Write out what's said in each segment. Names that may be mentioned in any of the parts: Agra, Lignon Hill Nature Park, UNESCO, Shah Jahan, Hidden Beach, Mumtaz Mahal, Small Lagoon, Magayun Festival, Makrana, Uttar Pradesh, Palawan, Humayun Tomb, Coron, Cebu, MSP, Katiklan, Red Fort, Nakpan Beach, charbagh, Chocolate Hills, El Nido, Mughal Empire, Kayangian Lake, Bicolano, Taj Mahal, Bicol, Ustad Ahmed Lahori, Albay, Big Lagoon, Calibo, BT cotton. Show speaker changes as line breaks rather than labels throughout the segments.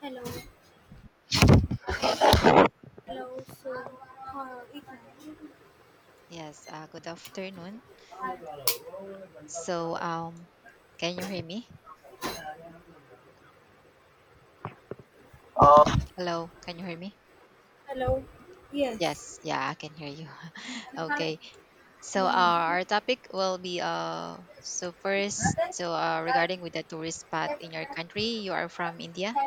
Hello. Hello. So, uh, it-
Yes, good afternoon. So, um, can you hear me?
Uh,
Hello, can you hear me?
hello. Yes.
Yes, I can hear you.
Hmm.
Okay, so our topic will be so first, regarding with the tourist spot in your country, you are from India.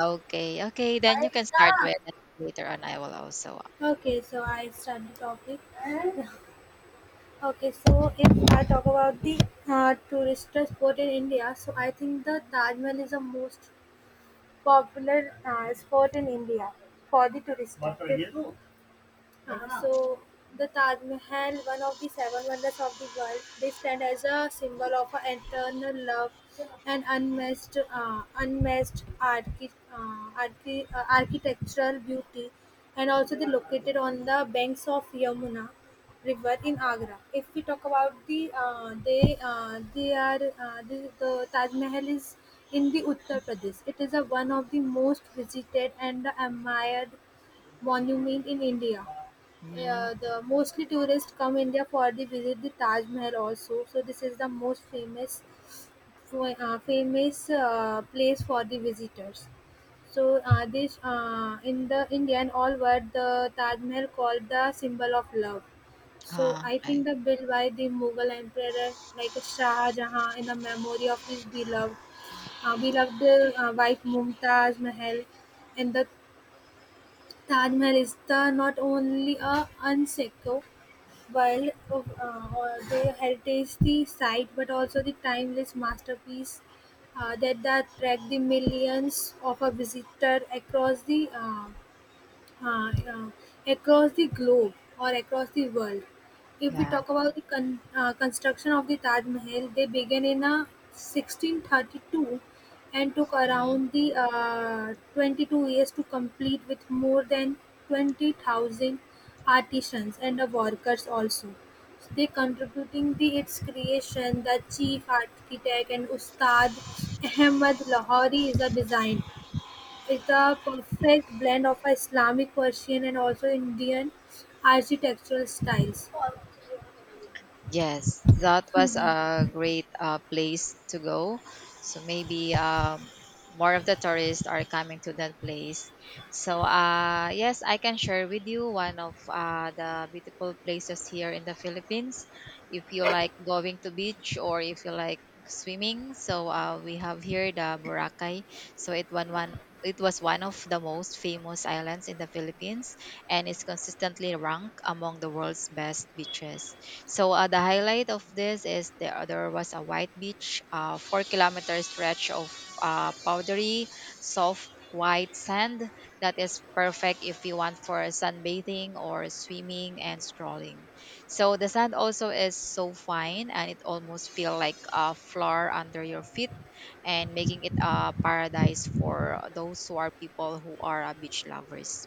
Okay, okay, then you can start with it. Later on, I will also.
Okay. So I start the topic. Okay. So if I talk about the tourist sport in India, so I think the Taj Mahal is the most popular sport in India for the tourist. So the Taj Mahal, one of the seven wonders of the world, they stand as a symbol of a eternal love and unmatched, architectural beauty, and also they located on the banks of Yamuna river in Agra. If we talk about the, they are the Taj Mahal is in the Uttar Pradesh. It is a one of the most visited and admired monument in India.
Mm,
The mostly tourists come India for the visit the Taj Mahal also. So this is the most famous famous place for the visitors. So this in the Indian all world the Taj Mahal called the symbol of love. So
ah,
I think
okay,
the built by the Mughal emperor like Shah Jahan in the memory of his beloved, wife Mumtaz Mahal, and the Taj Mahal is the not only a UNESCO World of or the heritage the site, but also the timeless masterpiece that attract the millions of a visitor uh, uh, across the globe or across the world. If we
yeah.
talk about the construction of the Taj Mahal, they began in 1632 and took around
Mm-hmm.
the 22 years to complete with more than 20,000 artisans and workers also. So they contributing the its creation, the chief architect and Ustad Ahmed Lahori is a design it's a perfect blend of Islamic, Persian, and also Indian architectural styles.
Yes, that was a great place to go. So maybe more of the tourists are coming to that place. So yes, I can share with you one of the beautiful places here in the Philippines. If you like going to beach or if you like swimming, so we have here the Boracay. So it one one. It was one of the most famous islands in the Philippines and is consistently ranked among the world's best beaches. So the highlight of this is there was a white beach, 4 kilometer stretch of powdery, soft white sand that is perfect if you want for sunbathing or swimming and strolling. So the sand also is so fine and it almost feel like a floor under your feet and making it a paradise for those who are people who are beach lovers.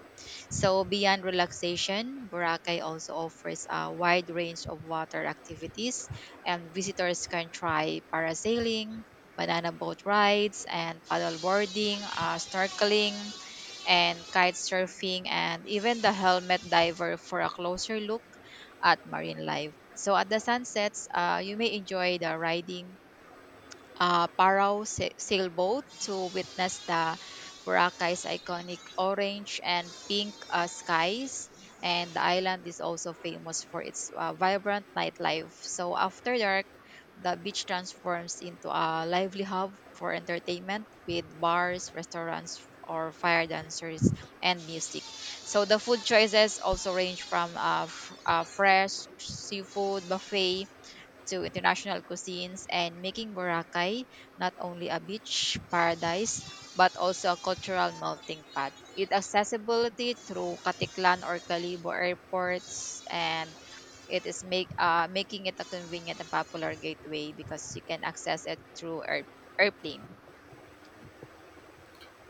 So beyond relaxation, Boracay also offers a wide range of water activities and visitors can try parasailing, banana boat rides and paddle boarding, snorkeling and kite surfing and even the helmet diver for a closer look at marine life. So at the sunsets, you may enjoy the riding sailboat to witness the Boracay's iconic orange and pink skies. And the island is also famous for its vibrant nightlife. So after dark, the beach transforms into a lively hub for entertainment with bars, restaurants, or fire dancers and music. So the food choices also range from fresh seafood buffet to international cuisines and making Boracay not only a beach paradise but also a cultural melting pot. Its accessibility through Katiklan or Calibo airports and it is make making it a convenient and popular gateway because you can access it through airplane.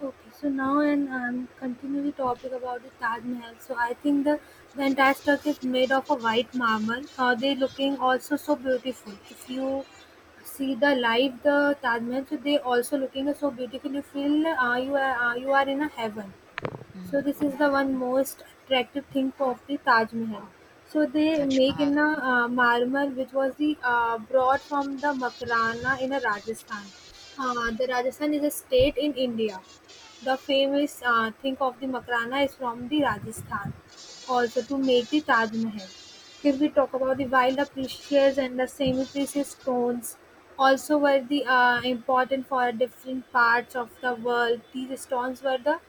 Okay, so now and continue the topic about the Taj Mahal. So I think the entire structure is made of a white marble. They looking also so beautiful. If you see the live the Taj Mahal, so they also looking so beautiful. You feel you are in a heaven. So this
Mm,
is the one most attractive thing of the Taj Mahal. So they
Taj
make
Mahal.
in a marmar which was the brought from the Makarana in a Rajasthan. The Rajasthan is a state in India. The famous thing of the Makarana is from the Rajasthan. Also to make the Taj Mahal. If we talk about the wild, the precious and the semi-precious stones, also were the important for different parts of the world. These stones were the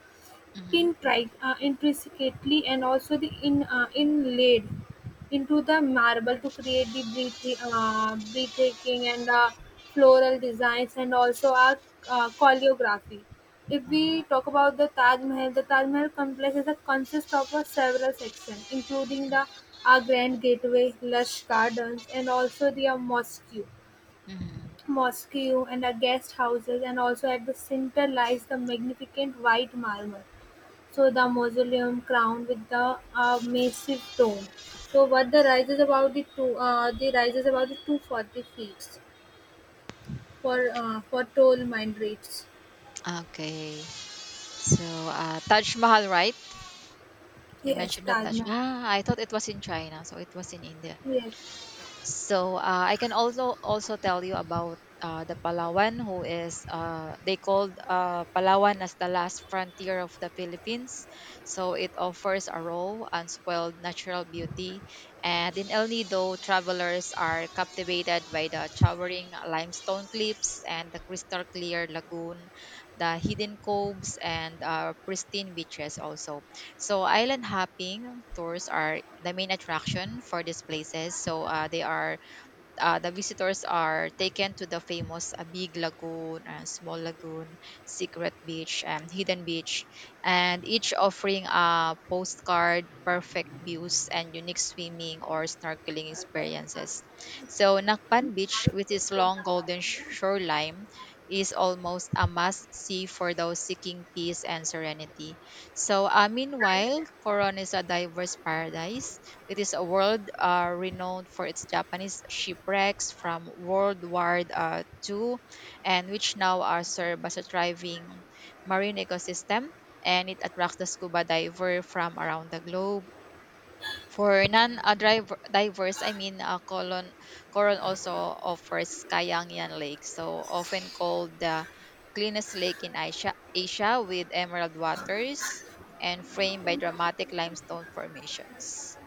Mm-hmm.
Pintried intricately and also the in inlaid into the marble to create the breathtaking and floral designs and also a choreography. If we talk
Okay.
about the Taj Mahal complex is a consist of a several sections, including the Grand Gateway, lush gardens, and also the uh, mosque
Mhm.
mosque and a guest houses, and also at the center lies the magnificent white marble so the mausoleum crowned with the a massive dome. So what the rises about the 240 feet for tall mind reads.
Okay. So, Taj Mahal, right? You
Yes,
mentioned the
Taj
Taj.
Mahal.
Ah, I thought it was in China, so it was in India.
Yes.
So I can also tell you about the Palawan, who is they called Palawan as the last frontier of the Philippines. So it offers a raw, unspoiled natural beauty, and in El Nido, travelers are captivated by the towering limestone cliffs and the crystal clear lagoon, the hidden coves, and pristine beaches also. So island hopping tours are the main attraction for these places. So they are the visitors are taken to the famous Big Lagoon, Small Lagoon, Secret Beach, and Hidden Beach, and each offering a postcard, perfect views, and unique swimming or snorkeling experiences. So, Nakpan Beach, with its long golden shoreline, is almost a must see for those seeking peace and serenity. So, meanwhile, Coron is a diverse paradise, it is a world renowned for its Japanese shipwrecks from World War II, and which now are served as a thriving marine ecosystem. And it attracts the scuba diver from around the globe. For divers, I mean, Coron also offers Kayangian Lake, so often called the cleanest lake in Asia, Asia with emerald waters and framed by dramatic limestone formations.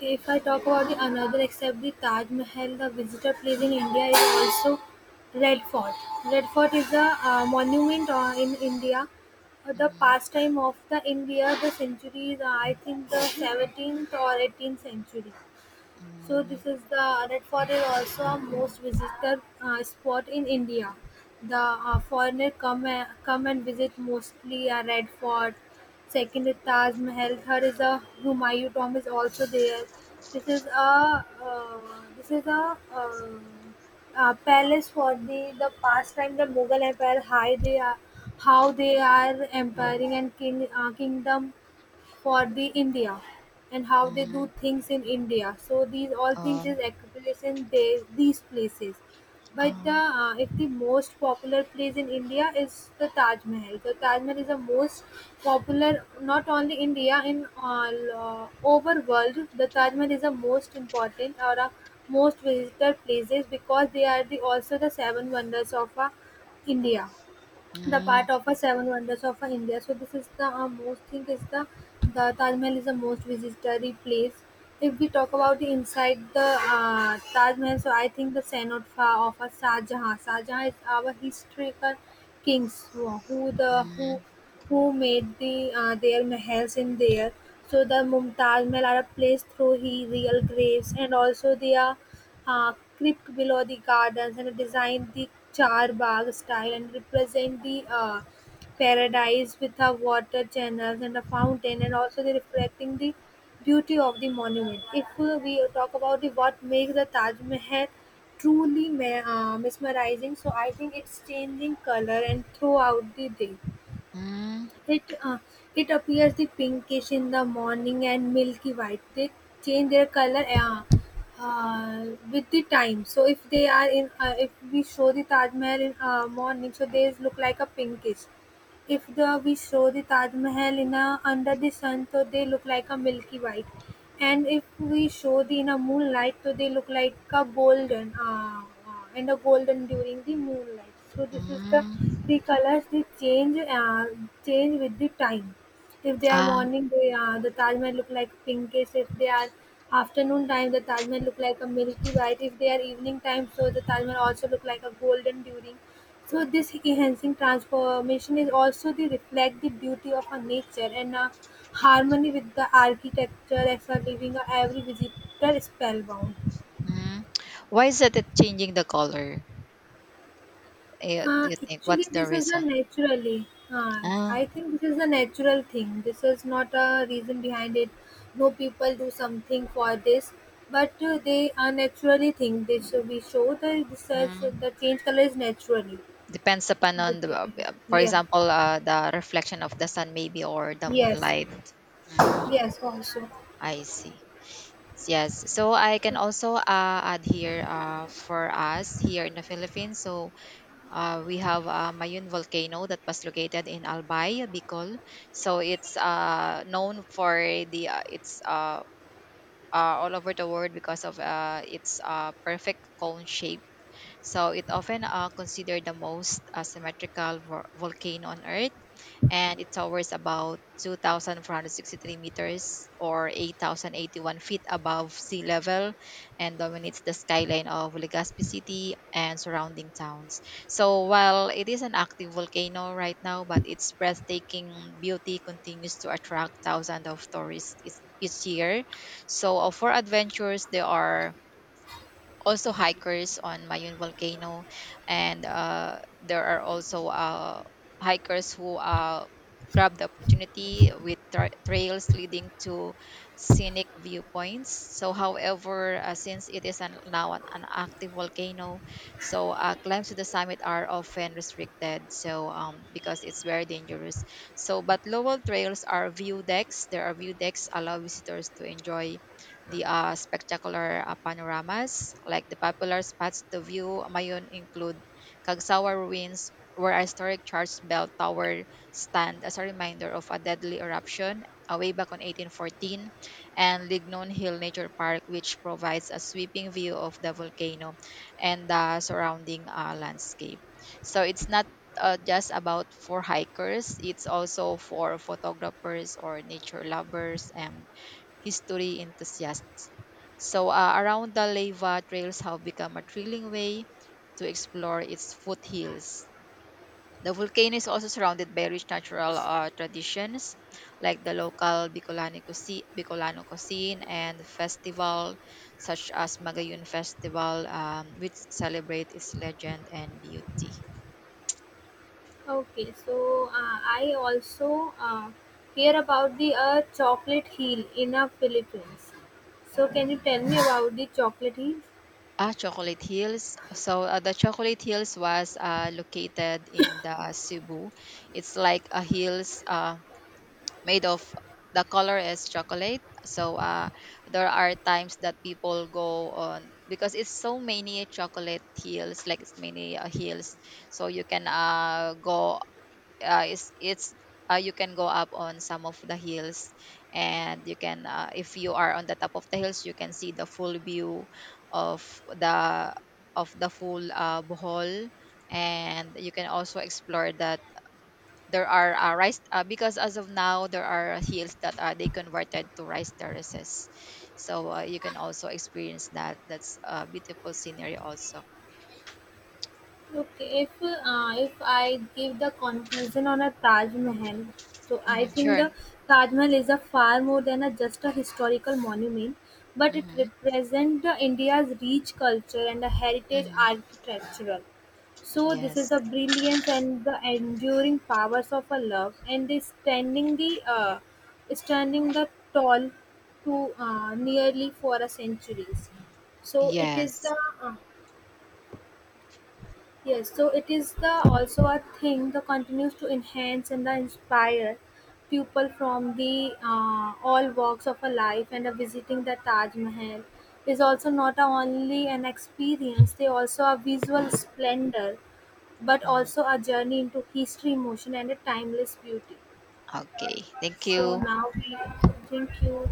If I talk about the another except the Taj Mahal, the visitor place in India is also Red Fort. Red Fort is a monument in India, the
Mhm.
pastime of the India, the centuries, I think the 17th or 18th century. So
Mm,
this is the Red Fort is also a most visited spot in India. The foreigner come and visit mostly a Red Fort. Second is Taj Mahal. Third is the Humayun Tomb is also there. This is a uh, this is a palace for the past time the Mughal Empire. How they are empiring and king kingdom for the India, and how they do
mm,
things in India. So these all things
um,
is accumulation they these places. But the
um,
if the most popular place in India is the Taj Mahal. The Taj Mahal is the most popular not only India in all over world. The Taj Mahal is the most important or most visitor places because they are the also the seven wonders of India, the
mm,
part of a seven wonders of India. So this is the most thing is the Taj Mahal is the most visited place. If we talk about the inside the Taj Mahal, so I think the Cenote of a Shah Jahan. Shah Jahan is our historical kings who, who the who
mm,
who made the their mahals in there. So the Mumtaz Mahal are placed through his real graves, and also they are crypt below the gardens and design the charbagh style and represent the paradise with a water channels and a fountain and also the reflecting the beauty of the monument. If we talk about the what makes the Taj Mahal truly mesmerizing, so I think it's changing color and throughout the day.
mm,
It uh, it appears the pinkish in the morning and milky white. They change their color uh, with the time. So if they are if we show the Taj Mahal in morning, so they look like a pinkish. If the we show the Taj Mahal in a under the sun, so they look like a milky white, and if we show the in a moonlight, so they look like a golden and a golden during the moonlight. So this is
mm,
the colors they change change with the time. If they are
ah,
morning, they the Taj Mahal look like pinkish. If they are afternoon time, the Taj Mahal look like a milky white. If they are evening time, so the Taj Mahal also look like a golden during. So this enhancing transformation is also the reflect the beauty of our nature and a harmony with the architecture as a leaving every visitor spellbound.
mm. Why is it changing the color? Eh, do you think what's
Actually,
the
this is a
reason?
naturally.
Ah,
I think this is a natural thing. This is not a reason behind it. No people do something for this, but they are naturally think this. So we show that this as
mm.
the change color is naturally.
Depends upon
Good
on the,
depend.
for
Yeah.
example, the reflection of the sun maybe or the
Yes.
moonlight. Mm,
Yes. Also.
I see. Yes, so I can also add here for us here in the Philippines. So uh, we have Mayun volcano that was located in Albay, Bicol. So it's known for the it's all over the world because of its perfect cone shape. So it often considered the most symmetrical volcano on Earth and it towers about 2,463 meters or 8,081 feet above sea level and dominates the skyline of Legazpi City and surrounding towns. So while it is an active volcano right now, but its breathtaking beauty continues to attract thousands of tourists each year. So for adventures, there are also hikers on Mayun volcano, and there are also hikers who grab the opportunity with trails leading to scenic viewpoints. So, however, since it is an active volcano, so climbs to the summit are often restricted. So, because it's very dangerous. So, but local trails are view decks. There are view decks allow visitors to enjoy the spectacular panoramas, like the popular spots to view Mayon include Kagsawa ruins, where a historic church bell tower stand as a reminder of a deadly eruption way back on 1814, and Lignon Hill Nature Park, which provides a sweeping view of the volcano and the surrounding landscape. So it's not just about for hikers. It's also for photographers or nature lovers and history enthusiasts. So, around the lava trails have become a thrilling way to explore its foothills. The volcano is also surrounded by rich natural traditions like the local Bicolano cuisine and festival such as Magayun Festival, which celebrate its legend and beauty.
Okay, so I also hear about the chocolate heel in the Philippines. So can you tell me about the chocolate heel?
Ah, Chocolate Hills. So the Chocolate Hills was located in the Cebu. It's like a hills, made of, the color is chocolate, so uh, there are times that people go on because it's so many chocolate hills, like it's many hills, so you can go, it's you can go up on some of the hills, and you can if you are on the top of the hills you can see the full view of the of the full bohol, and you can also explore the, there are rice because as of now there are hills that they converted to rice terraces, so you can also experience that, that's a beautiful scenery also.
Okay, if I give the conclusion on a Taj Mahal, so
Hmm,
I think
sure.
the Taj Mahal is a far more than a just a historical monument, but it
Hmm.
represents the India's rich culture and the heritage
Hmm.
architectural. So this is
Yes.
the brilliance and the enduring powers of a love, and they standing the standing the tall to nearly for a centuries. So it is
Yes.
the uh, yes, so it is the also a thing that continues to enhance and inspire people from the all walks of a life, and a visiting the Taj Mahal is also not a only an experience, they also a visual splendor, but
Mm.
also a journey into history, emotion and a timeless beauty.
Okay, thank
So
you.
now we thank you.